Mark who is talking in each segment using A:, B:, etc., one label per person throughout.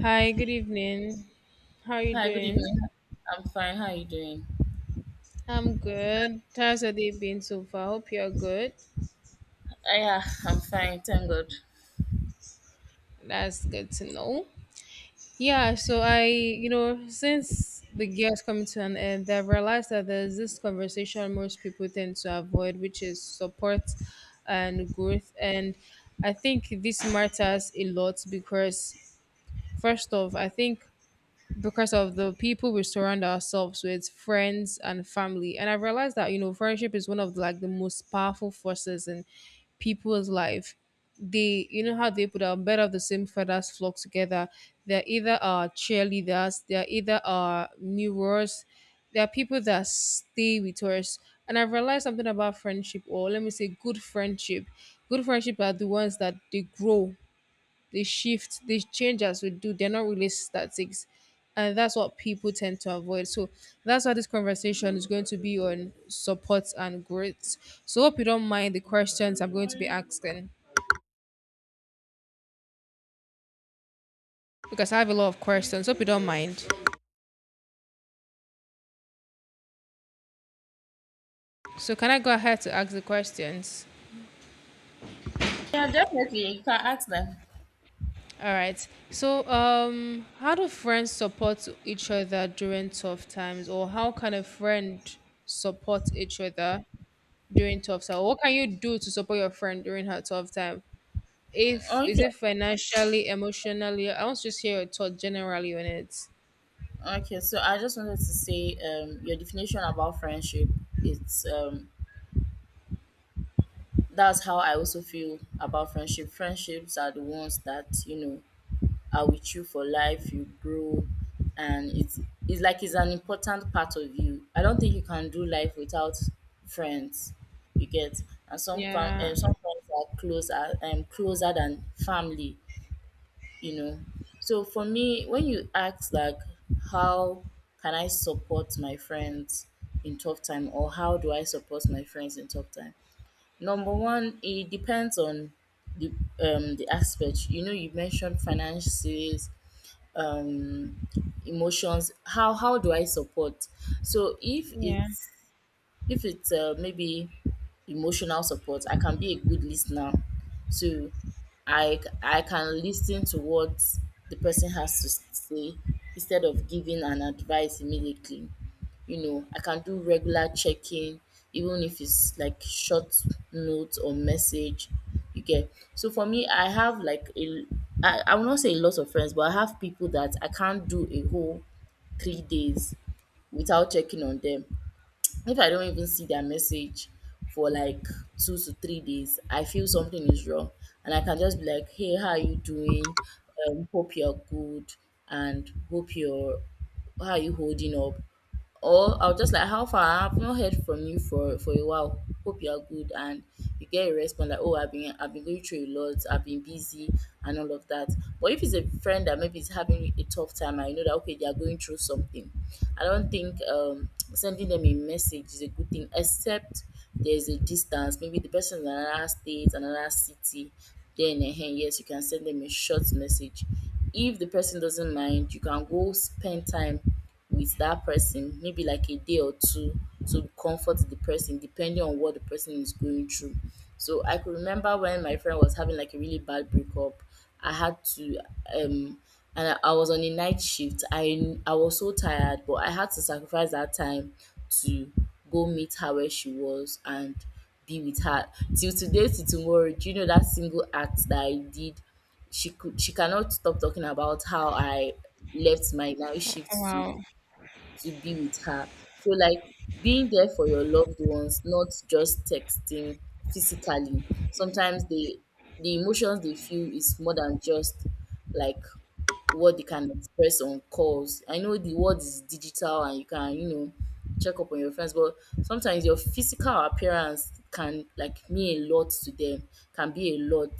A: Hi, good evening. How are you
B: Hi, good
A: doing?
B: evening. I'm fine. How are you doing?
A: I'm good. How's your day been so far? Hope you're good.
B: Yeah, I'm fine. Thank God.
A: That's good to know. Yeah, so I, since the year is coming to an end, I've realized that there's this conversation most people tend to avoid, which is support and growth. And I think this matters a lot because, first off, I think because of the people we surround ourselves with, friends and family. And I realized that, friendship is one of like the most powerful forces in people's life. They, how they put a bed of the same feathers flock together. They're either our cheerleaders, they're either our mirrors, there are people that stay with us. And I realized something about friendship, or let me say, good friendship. Good friendship are the ones that they grow, they shift, they change as we do. They're not really statics. And that's what people tend to avoid. So that's why this conversation is going to be on support and growth. So hope you don't mind the questions I'm going to be asking. Because I have a lot of questions. Hope you don't mind. So can I go ahead to ask the questions?
B: Yeah, definitely. You can ask them.
A: All right. So, how do friends support each other during tough times, or how can a friend support each other during tough time? What can you do to support your friend during her tough time? If is
B: Okay.
A: it financially, emotionally? I want to just hear your thought generally on it.
B: Okay. So I just wanted to say, your definition about friendship. It's That's how I also feel about friendship. Friendships are the ones that you know are with you for life. You grow, and it's like it's an important part of you. I don't think you can do life without friends. You get. And some fam
A: Yeah,
B: um some friends are closer than family, you know. So for me, when you ask like how can I support my friends in tough time, or how do I support my friends in tough time? Number one, it depends on the the aspect. You know, you mentioned finances, um emotions. How do I support? So if
A: yeah.
B: it's if it's uh, maybe emotional support, I can be a good listener. So I can listen to what the person has to say instead of giving an advice immediately. I can do regular checking, even if it's like short note or message. You get. So for me, I have like I will not say a lot of friends, but I have people that I can't do a whole 3 days without checking on them. If I don't even see their message for like 2 to 3 days, I feel something is wrong. And I can just be like, hey, how are you doing, hope you're good, and hope you're how are you holding up? Or I'll just like, how far, I've not heard from you for a while, hope you are good. And you get a response like, oh, I've been going through a lot, I've been busy and all of that. But if it's a friend that maybe is having a tough time, I know that, okay, they are going through something. I don't think sending them a message is a good thing, except there's a distance. Maybe the person is in another state, another city. Then, yes, you can send them a short message. If the person doesn't mind, you can go spend time with that person maybe like a day or two to comfort the person depending on what the person is going through. So I could remember when my friend was having like a really bad breakup. I had to, um and I was on a night shift. I was so tired, but I had to sacrifice that time to go meet her where she was and be with her. Till today, till tomorrow, do you know that single act that I did? She cannot stop talking about how I left my night
A: Oh,
B: shift to
A: wow,
B: to be with her. So like, being there for your loved ones, not just texting, physically. Sometimes the emotions they feel is more than just, like, what they can express on calls. I know the world is digital and you can, check up on your friends, but sometimes your physical appearance can like mean a lot to them, can be a lot.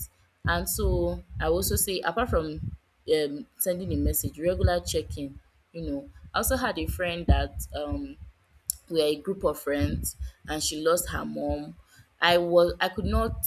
B: And so I also say, apart from sending a message, regular checking, you know. I also had a friend that, we are a group of friends, and she lost her mom. I could not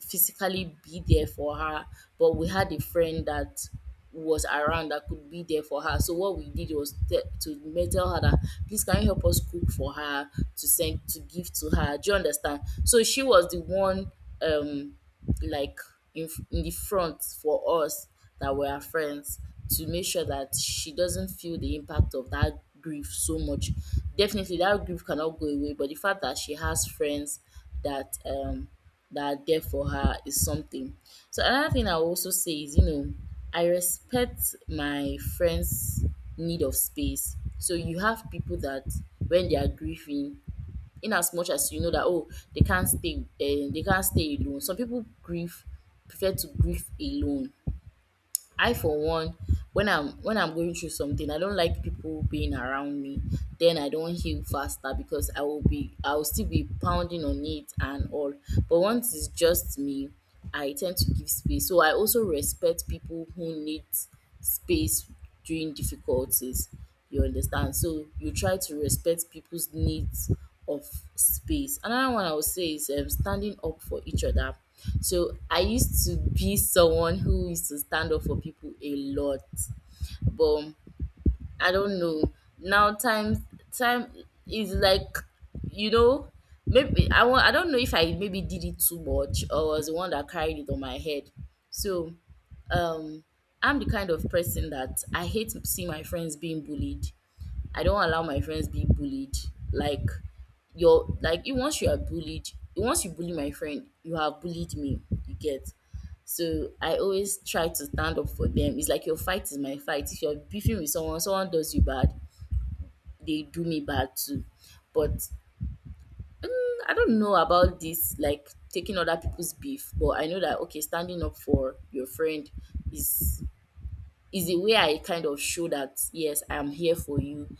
B: physically be there for her, but we had a friend that was around that could be there for her. So what we did was, tell her that, please can you help us cook for her to send, to give to her. Do you understand? So she was the one, um like in the front for us that were her friends, to make sure that she doesn't feel the impact of that grief so much. Definitely that grief cannot go away, but the fact that she has friends that um that are there for her is something. So another thing I will also say is, you know, I respect my friends' need of space. So you have people that, when they are grieving, in as much as you know that, oh, they can't stay alone. Some people grieve prefer to grieve alone. I, for one, when I'm going through something, I don't like people being around me. Then I don't heal faster, because I will still be pounding on it and all. But once it's just me, I tend to give space. So I also respect people who need space during difficulties. You understand? So you try to respect people's needs of space. Another one I would say is, standing up for each other. So I used to be someone who used to stand up for people a lot, but I don't know. Now, time is like, you know, maybe I don't know if I maybe did it too much or was the one that carried it on my head. So, um I'm the kind of person that I hate seeing my friends being bullied. I don't allow my friends be bullied. Like, you're like you once you are bullied, once you bully my friend, you have bullied me. You get. So I always try to stand up for them. It's like your fight is my fight. If you're beefing with someone, someone does you bad, they do me bad too. But, I don't know about this, like taking other people's beef. But I know that, okay, standing up for your friend is is the way I kind of show that, yes, I'm here for you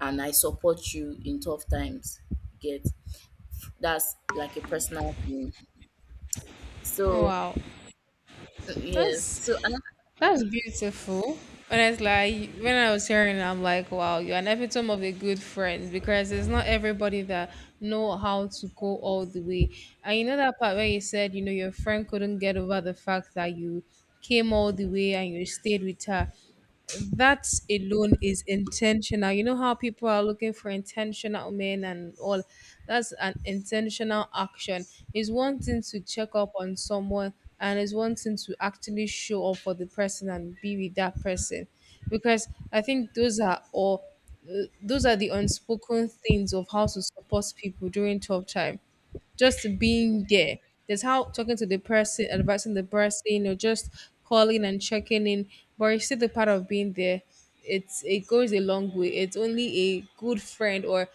B: and I support you in tough times. Get. That's like a personal thing.
A: oh,
B: So,
A: wow.
B: yes,
A: That's
B: so, and
A: that's beautiful. Honestly, when I was hearing it, I'm like, wow, you're an epitome of a good friend because it's not everybody that know how to go all the way. And you know that part where you said, your friend couldn't get over the fact that you came all the way and you stayed with her. That alone is intentional. You know how people are looking for intentional men and all. That's an intentional action. It's one thing to check up on someone, and it's one thing to actually show up for the person and be with that person. Because I think those are the unspoken things of how to support people during tough time, just being there. There's how talking to the person, advising the person, or just calling and checking in. But you see the part of being there, it goes a long way. It's only a good friend or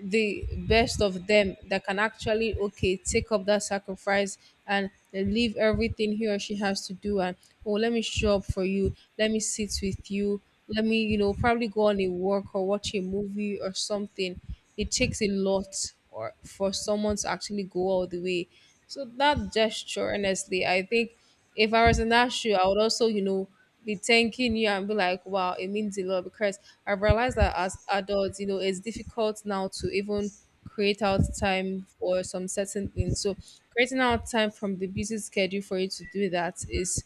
A: the best of them that can actually, okay, take up that sacrifice and leave everything he or she has to do and, oh, let me show up for you, let me sit with you, let me, probably go on a walk or watch a movie or something. It takes a lot or for someone to actually go all the way. So that gesture, honestly, I think if I was in that shoe, I would also, you know, be thanking you and be like, wow, it means a lot. Because I realized that as adults, it's difficult now to even create out time for some certain things. So creating out time from the busy schedule for you to do that is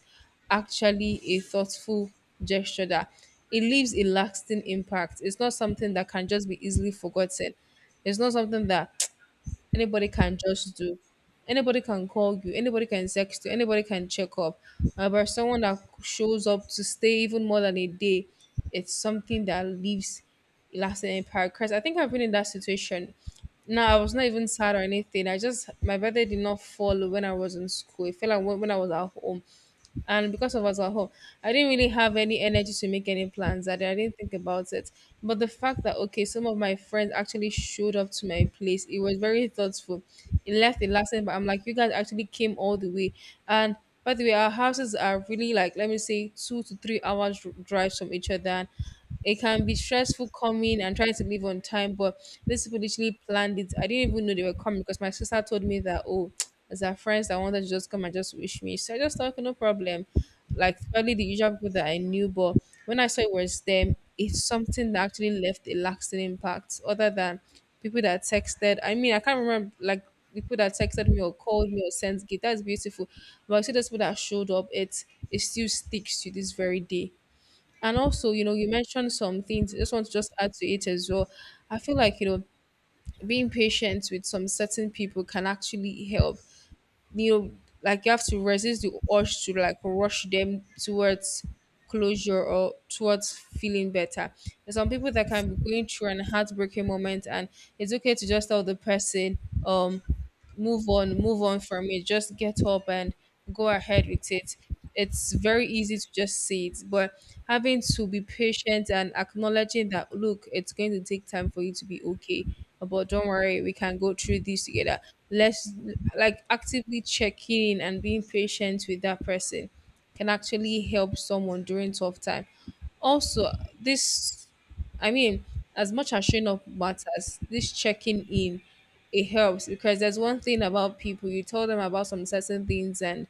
A: actually a thoughtful gesture that it leaves a lasting impact. It's not something that can just be easily forgotten. It's not something that anybody can just do. Anybody can call you, anybody can text you, anybody can check up. But someone that shows up to stay even more than a day, it's something that leaves a lasting impact. Because I think I've been in that situation. No, I was not even sad or anything. I just, my birthday did not fall when I was in school. It fell like when I was at home. And because of us at home, I didn't really have any energy to make any plans. I didn't think about it. But the fact that, okay, some of my friends actually showed up to my place, it was very thoughtful. It left a lasting, but I'm like, you guys actually came all the way. And by the way, our houses are really, like, let me say, 2 to 3 hours drives from each other. It can be stressful coming and trying to leave on time, but these people literally planned it. I didn't even know they were coming because my sister told me that, oh, as our friends that wanted to just come and just wish me. So I just thought, "Okay, no problem. Like probably the usual people that I knew," but when I saw it was them, it's something that actually left a lasting impact other than people that texted. I mean, I can't remember like people that texted me or called me or sent gift. That's beautiful. But I see those people that showed up, it still sticks to this very day. And also, you know, you mentioned some things. I just want to just add to it as well. I feel like, you know, being patient with some certain people can actually help. You know, like you have to resist the urge to like rush them towards closure or towards feeling better. There's some people that can be going through an heartbreaking moment and it's okay to just tell the person, um, move on, move on from it. Just get up and go ahead with it. It's very easy to just see it, but having to be patient and acknowledging that look, it's going to take time for you to be okay. But don't worry, we can go through this together. Let's like actively check in, and being patient with that person can actually help someone during tough time. Also, this, I mean, as much as showing up matters, this checking in, it helps. Because there's one thing about people, you tell them about some certain things and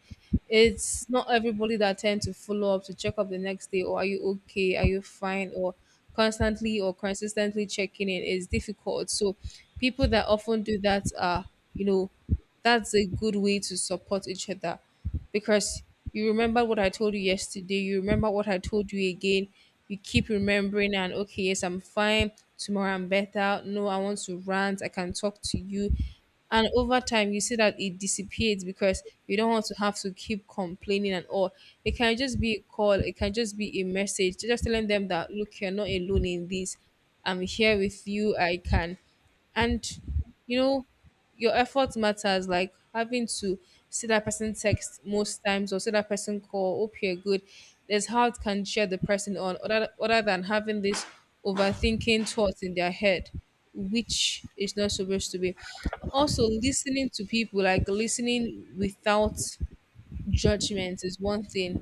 A: it's not everybody that tend to follow up to check up the next day, or are you okay, are you fine, or constantly or consistently checking in is difficult. So people that often do that are, you know, that's a good way to support each other. Because you remember what I told you yesterday, you remember what I told you again, you keep remembering and okay, yes, I'm fine, tomorrow I'm better, no, I want to rant, I can talk to you. And over time you see that it dissipates, because you don't want to have to keep complaining and all. It can just be a call, it can just be a message, just telling them that look, you're not alone in this. I'm here with you, I can, and, you know, your effort matters. Like having to see that person text most times or see that person call, hope you're good. There's how it can cheer the person on, other than having this overthinking thoughts in their head, which is not supposed to be. Also, listening to people, like listening without judgment, is one thing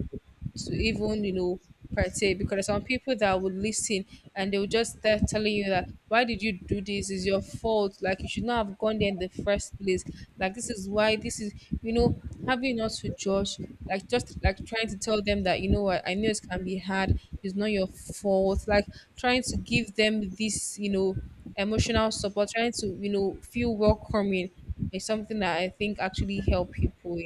A: to even, you know, partake. Because there's some people that would listen and they will just start telling you that, why did you do this? It's your fault, like you should not have gone there in the first place, like this is why this is, you know, having not to judge, like just like trying to tell them that, you know what, I know it can be hard, it's not your fault, like trying to give them this, you know, emotional support, trying to, you know, feel welcoming is something that I think actually help people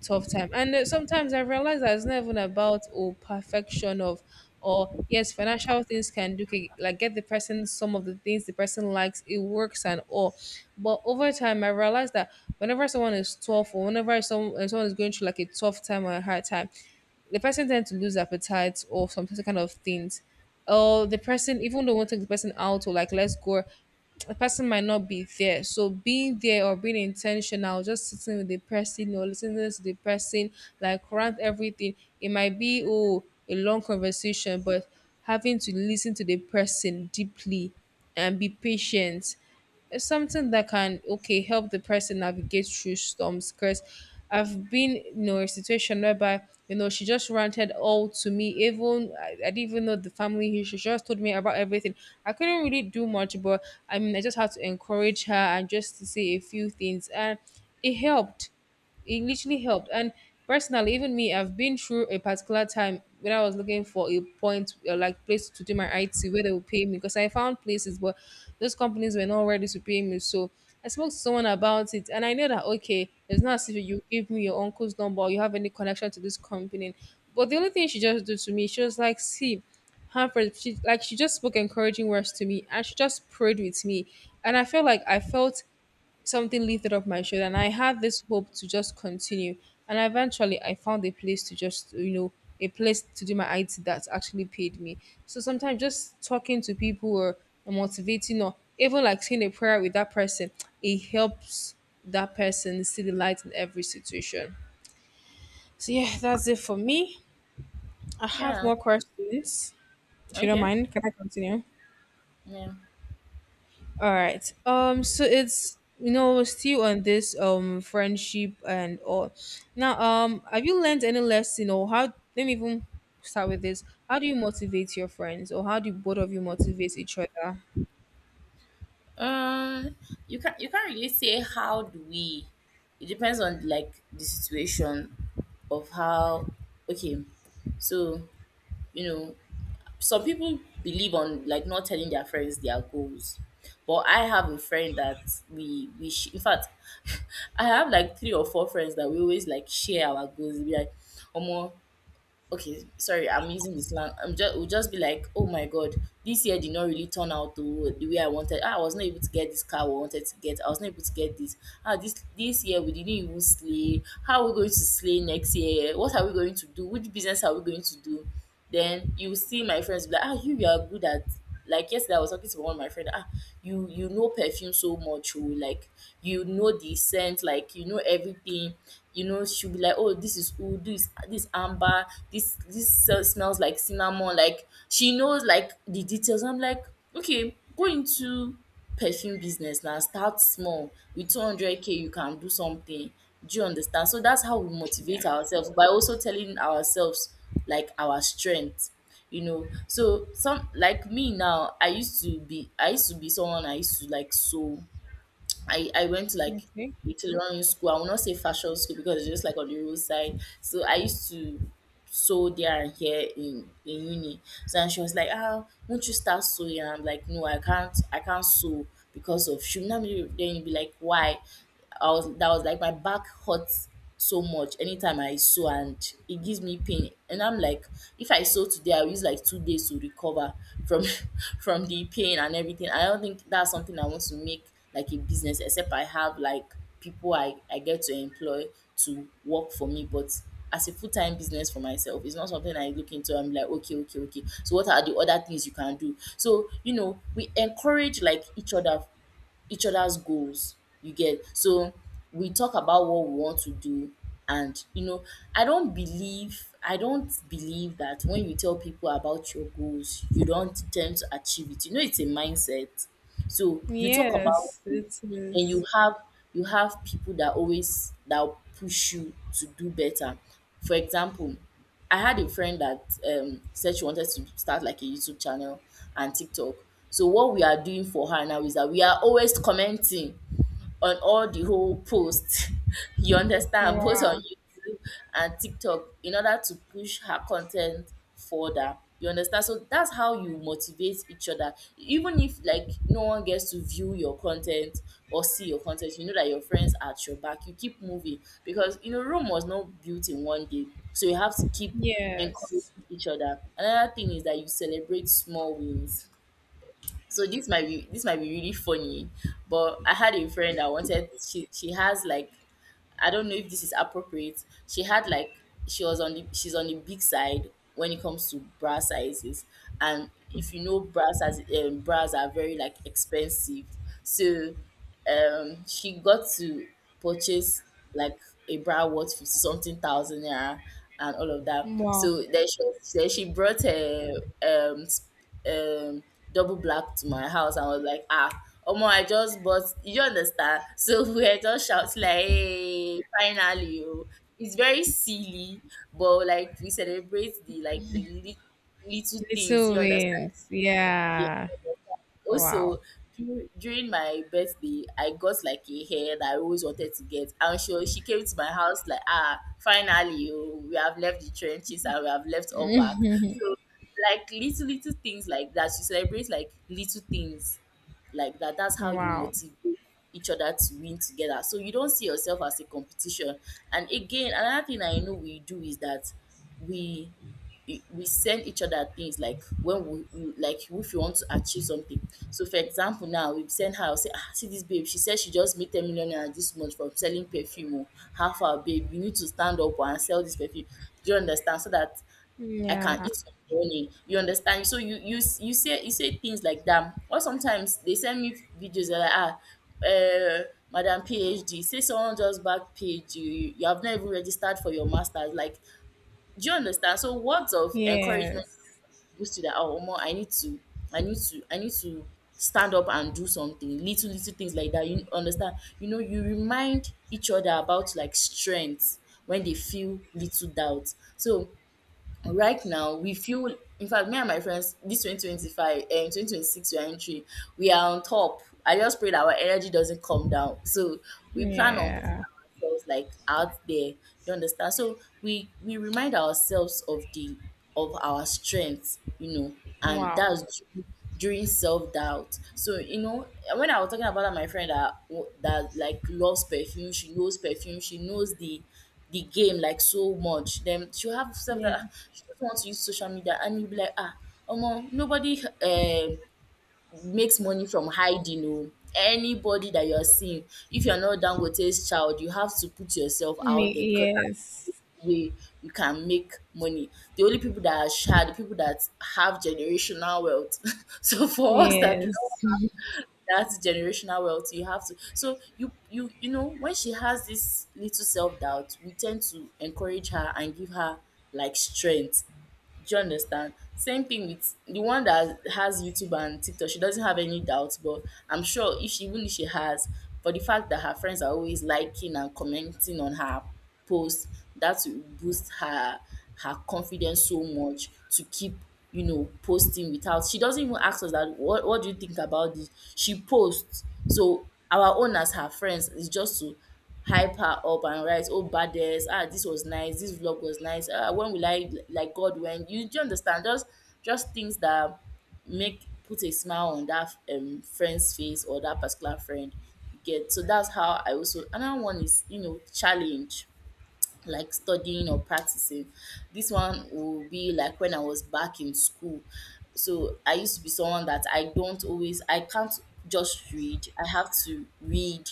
A: tough time. And sometimes I realize that it's not even about, oh, perfection of, or yes, financial things can do, can, like, get the person some of the things the person likes. It works and all, but over time I realized that whenever someone is tough or whenever someone is going through like a tough time or a hard time, the person tends to lose appetite or some certain kind of things. Or the person, even though we want to take the person out or like let's go, the person might not be there. So being there or being intentional, just sitting with the person or listening to the person, like rant everything. It might be, oh, a long conversation, but having to listen to the person deeply and be patient, it's something that can, okay, help the person navigate through storms. Because I've been, in a situation whereby, you know, she just ranted all to me. Even I didn't even know the family history, she just told me about everything. I couldn't really do much, but I mean, I just had to encourage her and just to say a few things, and it helped, it literally helped. And personally, even me, I've been through a particular time when I was looking for a point, like place to do my IT where they will pay me because I found places, but those companies were not ready to pay me. So I spoke to someone about it, and I know that okay, it's not as if you give me your uncle's number or you have any connection to this company. But the only thing she just did to me, she was like, see, Hanford, she just spoke encouraging words to me and she just prayed with me. And I felt something lifted up my shoulder, and I had this hope to just continue. And eventually, I found a place to a place to do my IT that actually paid me. So sometimes just talking to people or motivating or even like saying a prayer with that person, it helps that person see the light in every situation. So yeah, that's it for me. I have
B: yeah,
A: more questions. If you don't
B: okay,
A: mind, can I continue?
B: yeah.
A: All right. So it's, you know, still on this friendship and all. Now have you learned any lesson or how? Let me even start with this. How do you motivate your friends, or how do both of you motivate each other?
B: Um, you can't really say how do we. It depends on like the situation of how. Okay, so, you know, some people believe on like not telling their friends their goals, but I have a friend that in fact, I have like three or four friends that we always like share our goals. We like, omo, okay, sorry, I'm using this slang, I'm just will just be like, oh my God, this year did not really turn out to the way I wanted. Ah, I was not able to get this car we wanted to get, I was not able to get this, ah, this year we didn't even slay. How are we going to slay next year? What are we going to do? Which business are we going to do? Then you see my friends be like, ah, you are good at, like, yesterday I was talking to one of my friend, ah, you know perfume so much, oh, like, you know the scent, like, you know everything. You know, she'll be like, oh, this is oud, this amber, this smells like cinnamon. Like, she knows like the details. I'm like, okay, go into perfume business now. Start small with 200K, you can do something. Do you understand? So that's how we
A: Yeah.
B: motivate ourselves, by also telling ourselves like our strength, you know. So, some, like me now, I used to be someone. I used to like sew, I went to like
A: Okay.
B: a tailoring school. I will not say fashion school because it's just like on the roadside. So I used to sew there, and here in uni. So, and she was like, ah, won't you start sewing? And I'm like, no, I can't sew. Because of, she would not be, then you'd be like, why? I was that was like, my back hurts so much anytime I sew, and it gives me pain. And I'm like, if I sew today, I'll use like 2 days to recover from from the pain and everything. I don't think that's something I want to make like a business, except I have like people I get to employ to work for me. But as a full time business for myself, it's not something I look into. I'm like, okay, okay, okay. So what are the other things you can do? So, you know, we encourage like each other's goals. You get. So we talk about what we want to do, and, you know, I don't believe that when you tell people about your goals, you don't tend to achieve it. You know, it's a mindset. So you talk about,
A: Yes, it
B: and
A: is.
B: you have, people that always that will push you to do better. For example, I had a friend that, said she wanted to start like a YouTube channel and TikTok. So what we are doing for her now is that we are always commenting on all the whole posts. You understand? Both on
A: Wow.
B: YouTube and TikTok in order to push her content further. You understand? So that's how you motivate each other. Even if like no one gets to view your content or see your content, you know that your friends are at your back. You keep moving because you know Rome was not built in one day. So you have to keep encouraging
A: Yes.
B: each other. Another thing is that you celebrate small wins. So this might be really funny, but I had a friend that wanted, she has like, I don't know if this is appropriate, she had like, she was on the she's on the big side when it comes to bra sizes. And if you know bras, as bras are very like expensive. So she got to purchase like a bra worth 50 something thousand naira and all of that.
A: Wow.
B: So then she brought her um um double black to my house. I was like, ah, Omo, I just bought, you understand? So we were just shouting like, hey, finally, oh. It's very silly, but like we celebrate the like the little things,
A: Little
B: you understand?
A: wins.
B: Yeah.
A: Yeah. Wow.
B: Also, during my birthday, I got like a hair that I always wanted to get. And she came to my house like, ah, finally, oh, we have left the trenches and we have left all back. So, like little, little things like that. You celebrate like little things like that. That's how you
A: Wow.
B: motivate each other to win together. So you don't see yourself as a competition. And again, another thing I know we do is that we we send each other things, like when like if you want to achieve something. So for example, now we send her, I'll say, ah, see this babe, she said she just made 10 million naira this month from selling perfume o. How far babe, you need to stand up oh, and sell this perfume. Do you understand? So that I can
A: Yeah.
B: eat some money. You understand? So you say, you say things like that. Or sometimes they send me videos that like, ah, madam PhD say someone just back PhD, you have not even registered for your masters, like, do you understand? So words of encouragement
A: Yes.
B: boost you that, oh, Omo, I need to, I need to stand up and do something. Little little things like that. You understand? You know, you remind each other about like strength when they feel little doubt. So right now we feel, in fact me and my friends, this 2025 and 2026 we are entering, we are on top. I just pray that our energy doesn't come down. So we plan on
A: Yeah.
B: ourselves like out there, you understand? So we remind ourselves of the of our strengths, you know, and
A: Wow.
B: that's during, during self-doubt. So you know, when I was talking about that, my friend that like loves perfume, she knows perfume, she knows the game like so much, then she'll have self that,
A: Yeah.
B: ah, she doesn't want to use social media, and you'll be like, ah, Omo, nobody makes money from hiding o. Anybody that you're seeing, if you're not Dangote's child, you have to put yourself out
A: Me-
B: there, because that's
A: Yes.
B: the way you can make money. The only people that are shy are the people that have generational wealth. So for us that do
A: Yes.
B: not have that generational wealth, you have to. So you know, when she has this little self-doubt, we tend to encourage her and give her like strength. Do you understand? Same thing with the one that has YouTube and TikTok. She doesn't have any doubts, but I'm sure if she, even if she has, for the fact that her friends are always liking and commenting on her post, that will boost her her confidence so much to keep, you know, posting without, she doesn't even ask us that, what do you think about this? She posts, so our own as her friends is just to hype her up and write, oh, badass, ah, this was nice, this vlog was nice. Ah, when will I like God when you, do you understand? Just things that make, put a smile on that friend's face, or that particular friend, you get. So that's how I, also another one is, you know, challenge like studying or practicing. This one will be like when I was back in school. So I used to be someone that I don't always, I can't just read. I have to read,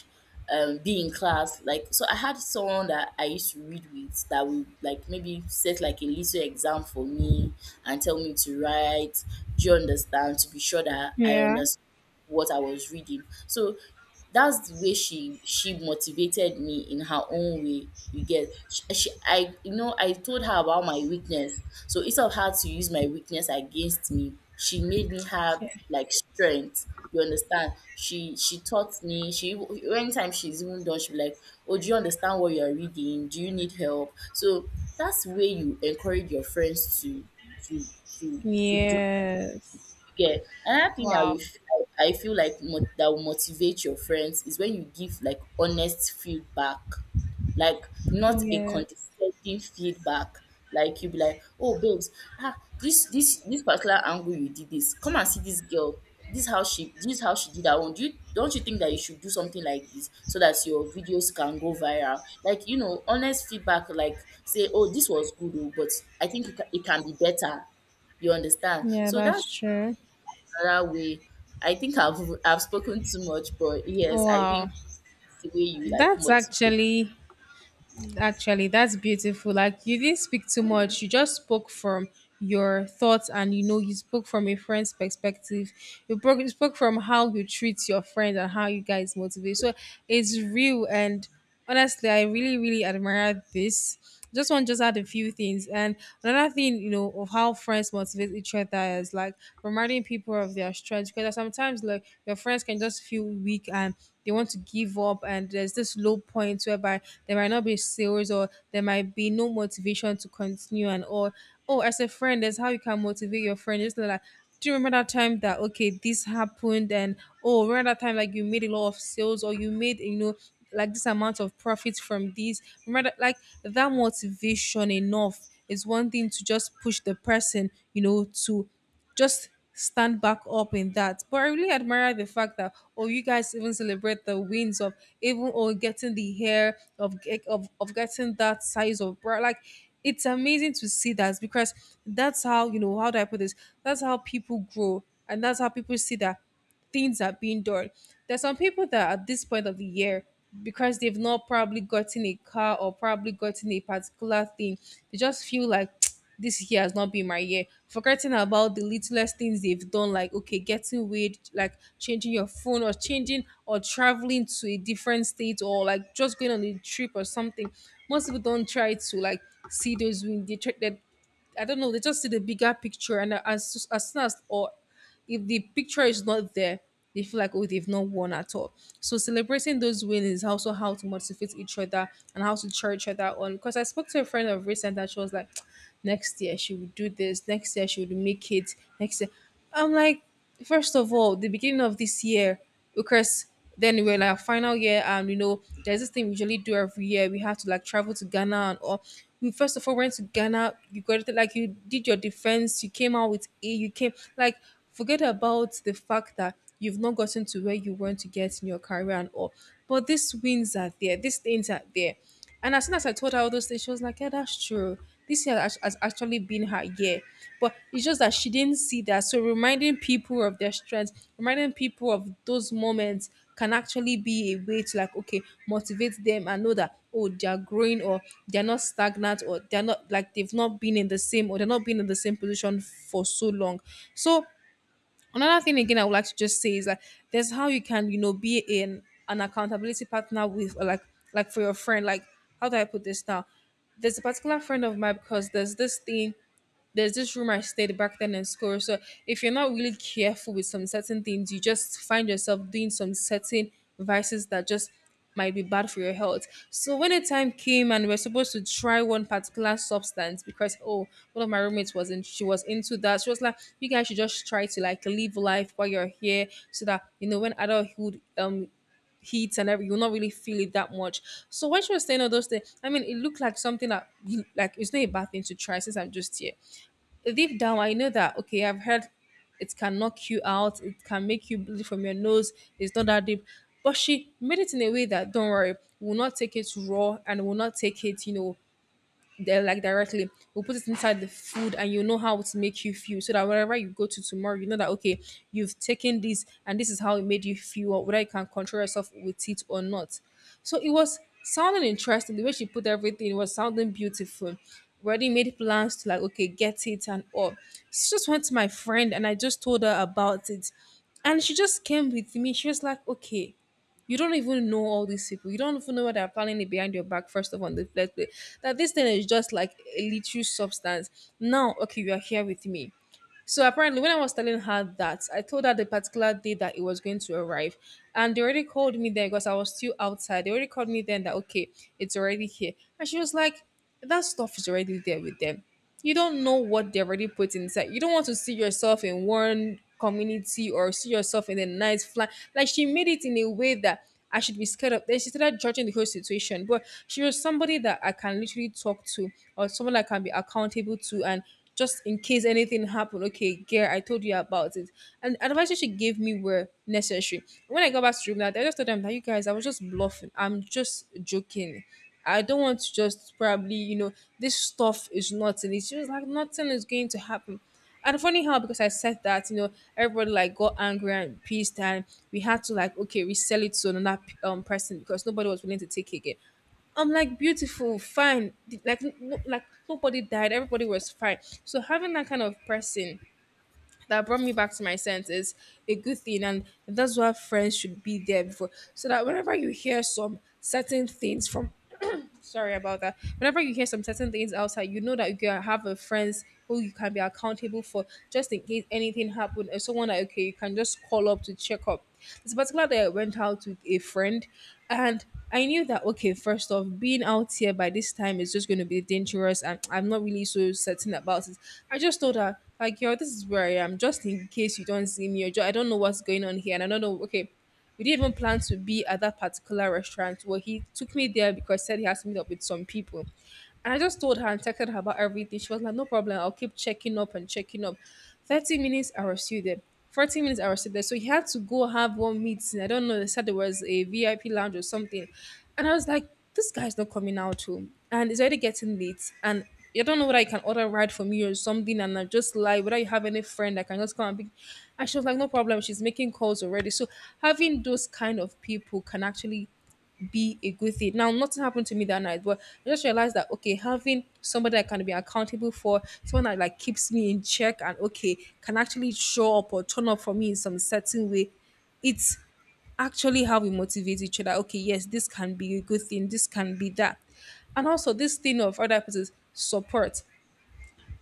B: be in class. Like, so I had someone that I used to read with that would like maybe set like a little exam for me and tell me to write. Do you understand? To be sure that I
A: Yeah.
B: understand what I was reading. So that's the way she motivated me in her own way, you get. She, she i you know, I told her about my weakness, so instead of her to use my weakness against me, she made me have like strength, you understand. She taught me, she anytime she's even done she'll be like, oh, do you understand what you're reading, do you need help? So that's the way you encourage your friends to to to do,
A: Yes.
B: you get? Another thing I
A: Wow.
B: will I feel like, that will motivate your friends is when you give like honest feedback, like not a
A: Yeah.
B: condescending feedback. Like you be like, oh, babes, ah, this particular angle you did this. Come and see this girl. This how she, this how she did that one. Do you, don't you think that you should do something like this so that your videos can go viral? Like, you know, honest feedback. Like say, oh, this was good, oh, but I think it can be better. You understand?
A: Yeah,
B: So
A: that's
B: that's
A: true.
B: another way. I think I've spoken too much, but yes, I
A: Wow.
B: think it's the way you like
A: That's
B: motivate.
A: actually, that's beautiful. Like you didn't speak too much. You just spoke from your thoughts and you know you spoke from a friend's perspective. You broke you spoke from how you treat your friends and how you guys motivate. So it's real and honestly I really, really admire this. Just add a few things. And another thing, you know, of how friends motivate each other is like reminding people of their strengths, because sometimes like your friends can just feel weak and they want to give up and there's this low point whereby there might not be sales or there might be no motivation to continue and all. Oh, as a friend, that's how you can motivate your friend. Just like, do you remember that time that okay this happened, and oh, remember that time like you made a lot of sales or you made, you know, like this amount of profit from this, remember that, like that motivation enough is one thing to just push the person, you know, to just stand back up in that. But I really admire the fact that oh, you guys even celebrate the wins of even oh getting the hair of of getting that size of bra. Like it's amazing to see that because that's how you know, how do I put this? That's how people grow and that's how people see that things are being done. There's some people that at this point of the year, because they've not probably gotten a car or probably gotten a particular thing, they just feel like this year has not been my year. Forgetting about the littlest things they've done, like okay, getting weird, like changing your phone or changing or traveling to a different state or like just going on a trip or something. Most people don't try to like see those wins. They try that, I don't know. They just see the bigger picture, and as soon as, or if the picture is not there, they feel like, oh, they've not won at all. So celebrating those wins is also how to motivate each other and how to cheer each other on. Because I spoke to a friend of recent that she was like, next year she would do this, next year she would make it, next year. I'm like, first of all, the beginning of this year, because then we're in our final year, and you know, there's this thing we usually do every year. We have to like travel to Ghana and all. We first of all went to Ghana. You got it, like you did your defense. You came out with A. You came like, forget about the fact that you've not gotten to where you want to get in your career and all. But these wins are there. These things are there. And as soon as I told her all those things, she was like, yeah, that's true. This year has actually been her year. But it's just that she didn't see that. So reminding people of their strengths, reminding people of those moments can actually be a way to like, okay, motivate them and know that, oh, they're growing or they're not stagnant, or they've not been in the same, or they're not been in the same position for so long. So another thing again I would like to just say is that there's how you can, you know, be in an accountability partner with, or like for your friend, like, how do I put this now? There's a particular friend of mine because there's this thing, there's this rumor I stayed back then in school. So if you're not really careful with some certain things, you just find yourself doing some certain vices that just might be bad for your health. So when the time came and we're supposed to try one particular substance, because oh, one of my roommates was in, she was into that. She was like, you guys should just try to like live life while you're here, so that you know when adulthood heat and everything, you'll not really feel it that much. So when she was saying all those things, I mean it looked like something that like it's not a bad thing to try since I'm just here. Deep down I know that okay, I've heard it can knock you out, it can make you bleed from your nose, it's not that deep. But she made it in a way that don't worry, we'll not take it raw, and we'll not take it, you know, there like directly, we'll put it inside the food and you know how it make you feel, so that wherever you go to tomorrow you know that okay, you've taken this and this is how it made you feel, or whether you can control yourself with it or not. So it was sounding interesting, the way she put everything it was sounding beautiful. Already made plans to like okay get it and all. She just went to my friend, and I just told her about it, and she just came with me. She was like, okay, you don't even know all these people. You don't even know what they're planning it behind your back, first of all, in the first place. That this thing is just like a little substance. Now, okay, you are here with me. So apparently, when I was telling her that, I told her the particular day that it was going to arrive, and they already called me there because I was still outside. They already called me then that okay, it's already here, and she was like, "That stuff is already there with them. You don't know what they already put inside. You don't want to see yourself in one community or see yourself in a nice flat." Like she made it in a way that I should be scared of. Then she started judging the whole situation. But she was somebody that I can literally talk to, or someone I can be accountable to, and just in case anything happened, okay, girl, I told you about it. And advices she gave me were necessary. When I got back to room, that I just told them that you guys, I was just bluffing. I'm just joking. I don't want to just probably, you know, this stuff is nothing. It's just like nothing is going to happen. And funny how because I said that, you know, everybody like got angry and pissed, and we had to like okay resell it to another person because nobody was willing to take it again. I'm like beautiful, fine, like no, like nobody died, everybody was fine. So having that kind of person that brought me back to my senses a good thing, and that's why friends should be there before, so that whenever you hear some certain things from sorry about that. Whenever you hear some certain things outside, you know that you have a friends who you can be accountable for just in case anything happened, or someone that okay, you can just call up to check up. This particular day I went out with a friend and I knew that okay, first off, being out here by this time is just gonna be dangerous and I'm not really so certain about it. I just told her, like, yo, this is where I am, just in case you don't see me or I don't know what's going on here and I don't know okay. We didn't even plan to be at that particular restaurant. Well, he took me there because he said he has to meet up with some people. And I just told her and texted her about everything. She was like, no problem. I'll keep checking up and checking up. 30 minutes, I was still there. 40 minutes, I was still there. So he had to go have one meeting. I don't know. They said there was a VIP lounge or something. And I was like, this guy's not coming out too. And it's already getting late. And I don't know whether you can order a ride from you or something, and I just lie whether you have any friend that can just come and pick. And she was like, no problem. She's making calls already. So having those kind of people can actually be a good thing. Now, nothing happened to me that night, but I just realized that okay, having somebody I can be accountable for, someone that like keeps me in check and okay, can actually show up or turn up for me in some certain way, it's actually how we motivate each other. Okay, yes, this can be a good thing, this can be that. And also this thing of other people's support.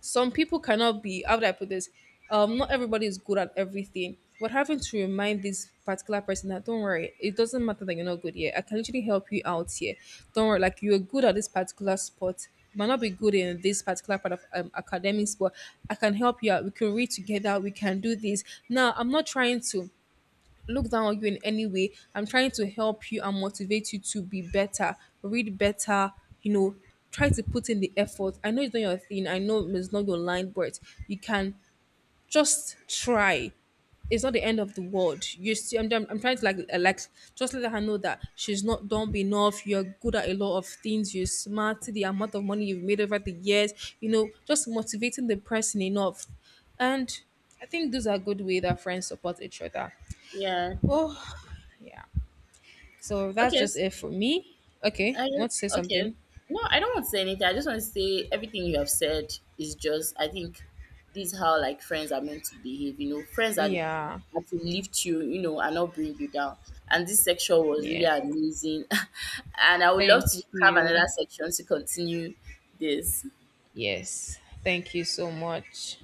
A: Some people cannot be, how do I put this? Not everybody is good at everything. But having to remind this particular person that don't worry, it doesn't matter that you're not good here. I can literally help you out here. Don't worry, like you're good at this particular sport. You might not be good in this particular part of academics, but I can help you out. We can read together. We can do this. Now, I'm not trying to look down on you in any way. I'm trying to help you and motivate you to be better, read better, you know, try to put in the effort. I know it's not your thing, I know it's not your line, but you can just try. It's not the end of the world. You see, I'm trying to like, just let her know that she's not dumb enough. You're good at a lot of things. You're smart. The amount of money you've made over the years, you know, just motivating the person enough. And I think those are good way that friends support each other.
B: Yeah.
A: Oh, yeah. So that's
B: Okay.
A: just
B: s
A: it for me. Okay,
B: I
A: want to say
B: okay.
A: something?
B: No, I don't want to say anything. I just want to say everything you have said is just, I think this is how like friends are meant to behave. You know, friends
A: Yeah,
B: are to lift you, you know, and not bring you down. And this section was really
A: yeah.
B: amazing, and I would love to
A: Thank
B: have
A: you.
B: another section to continue this.
A: Yes, thank you so much.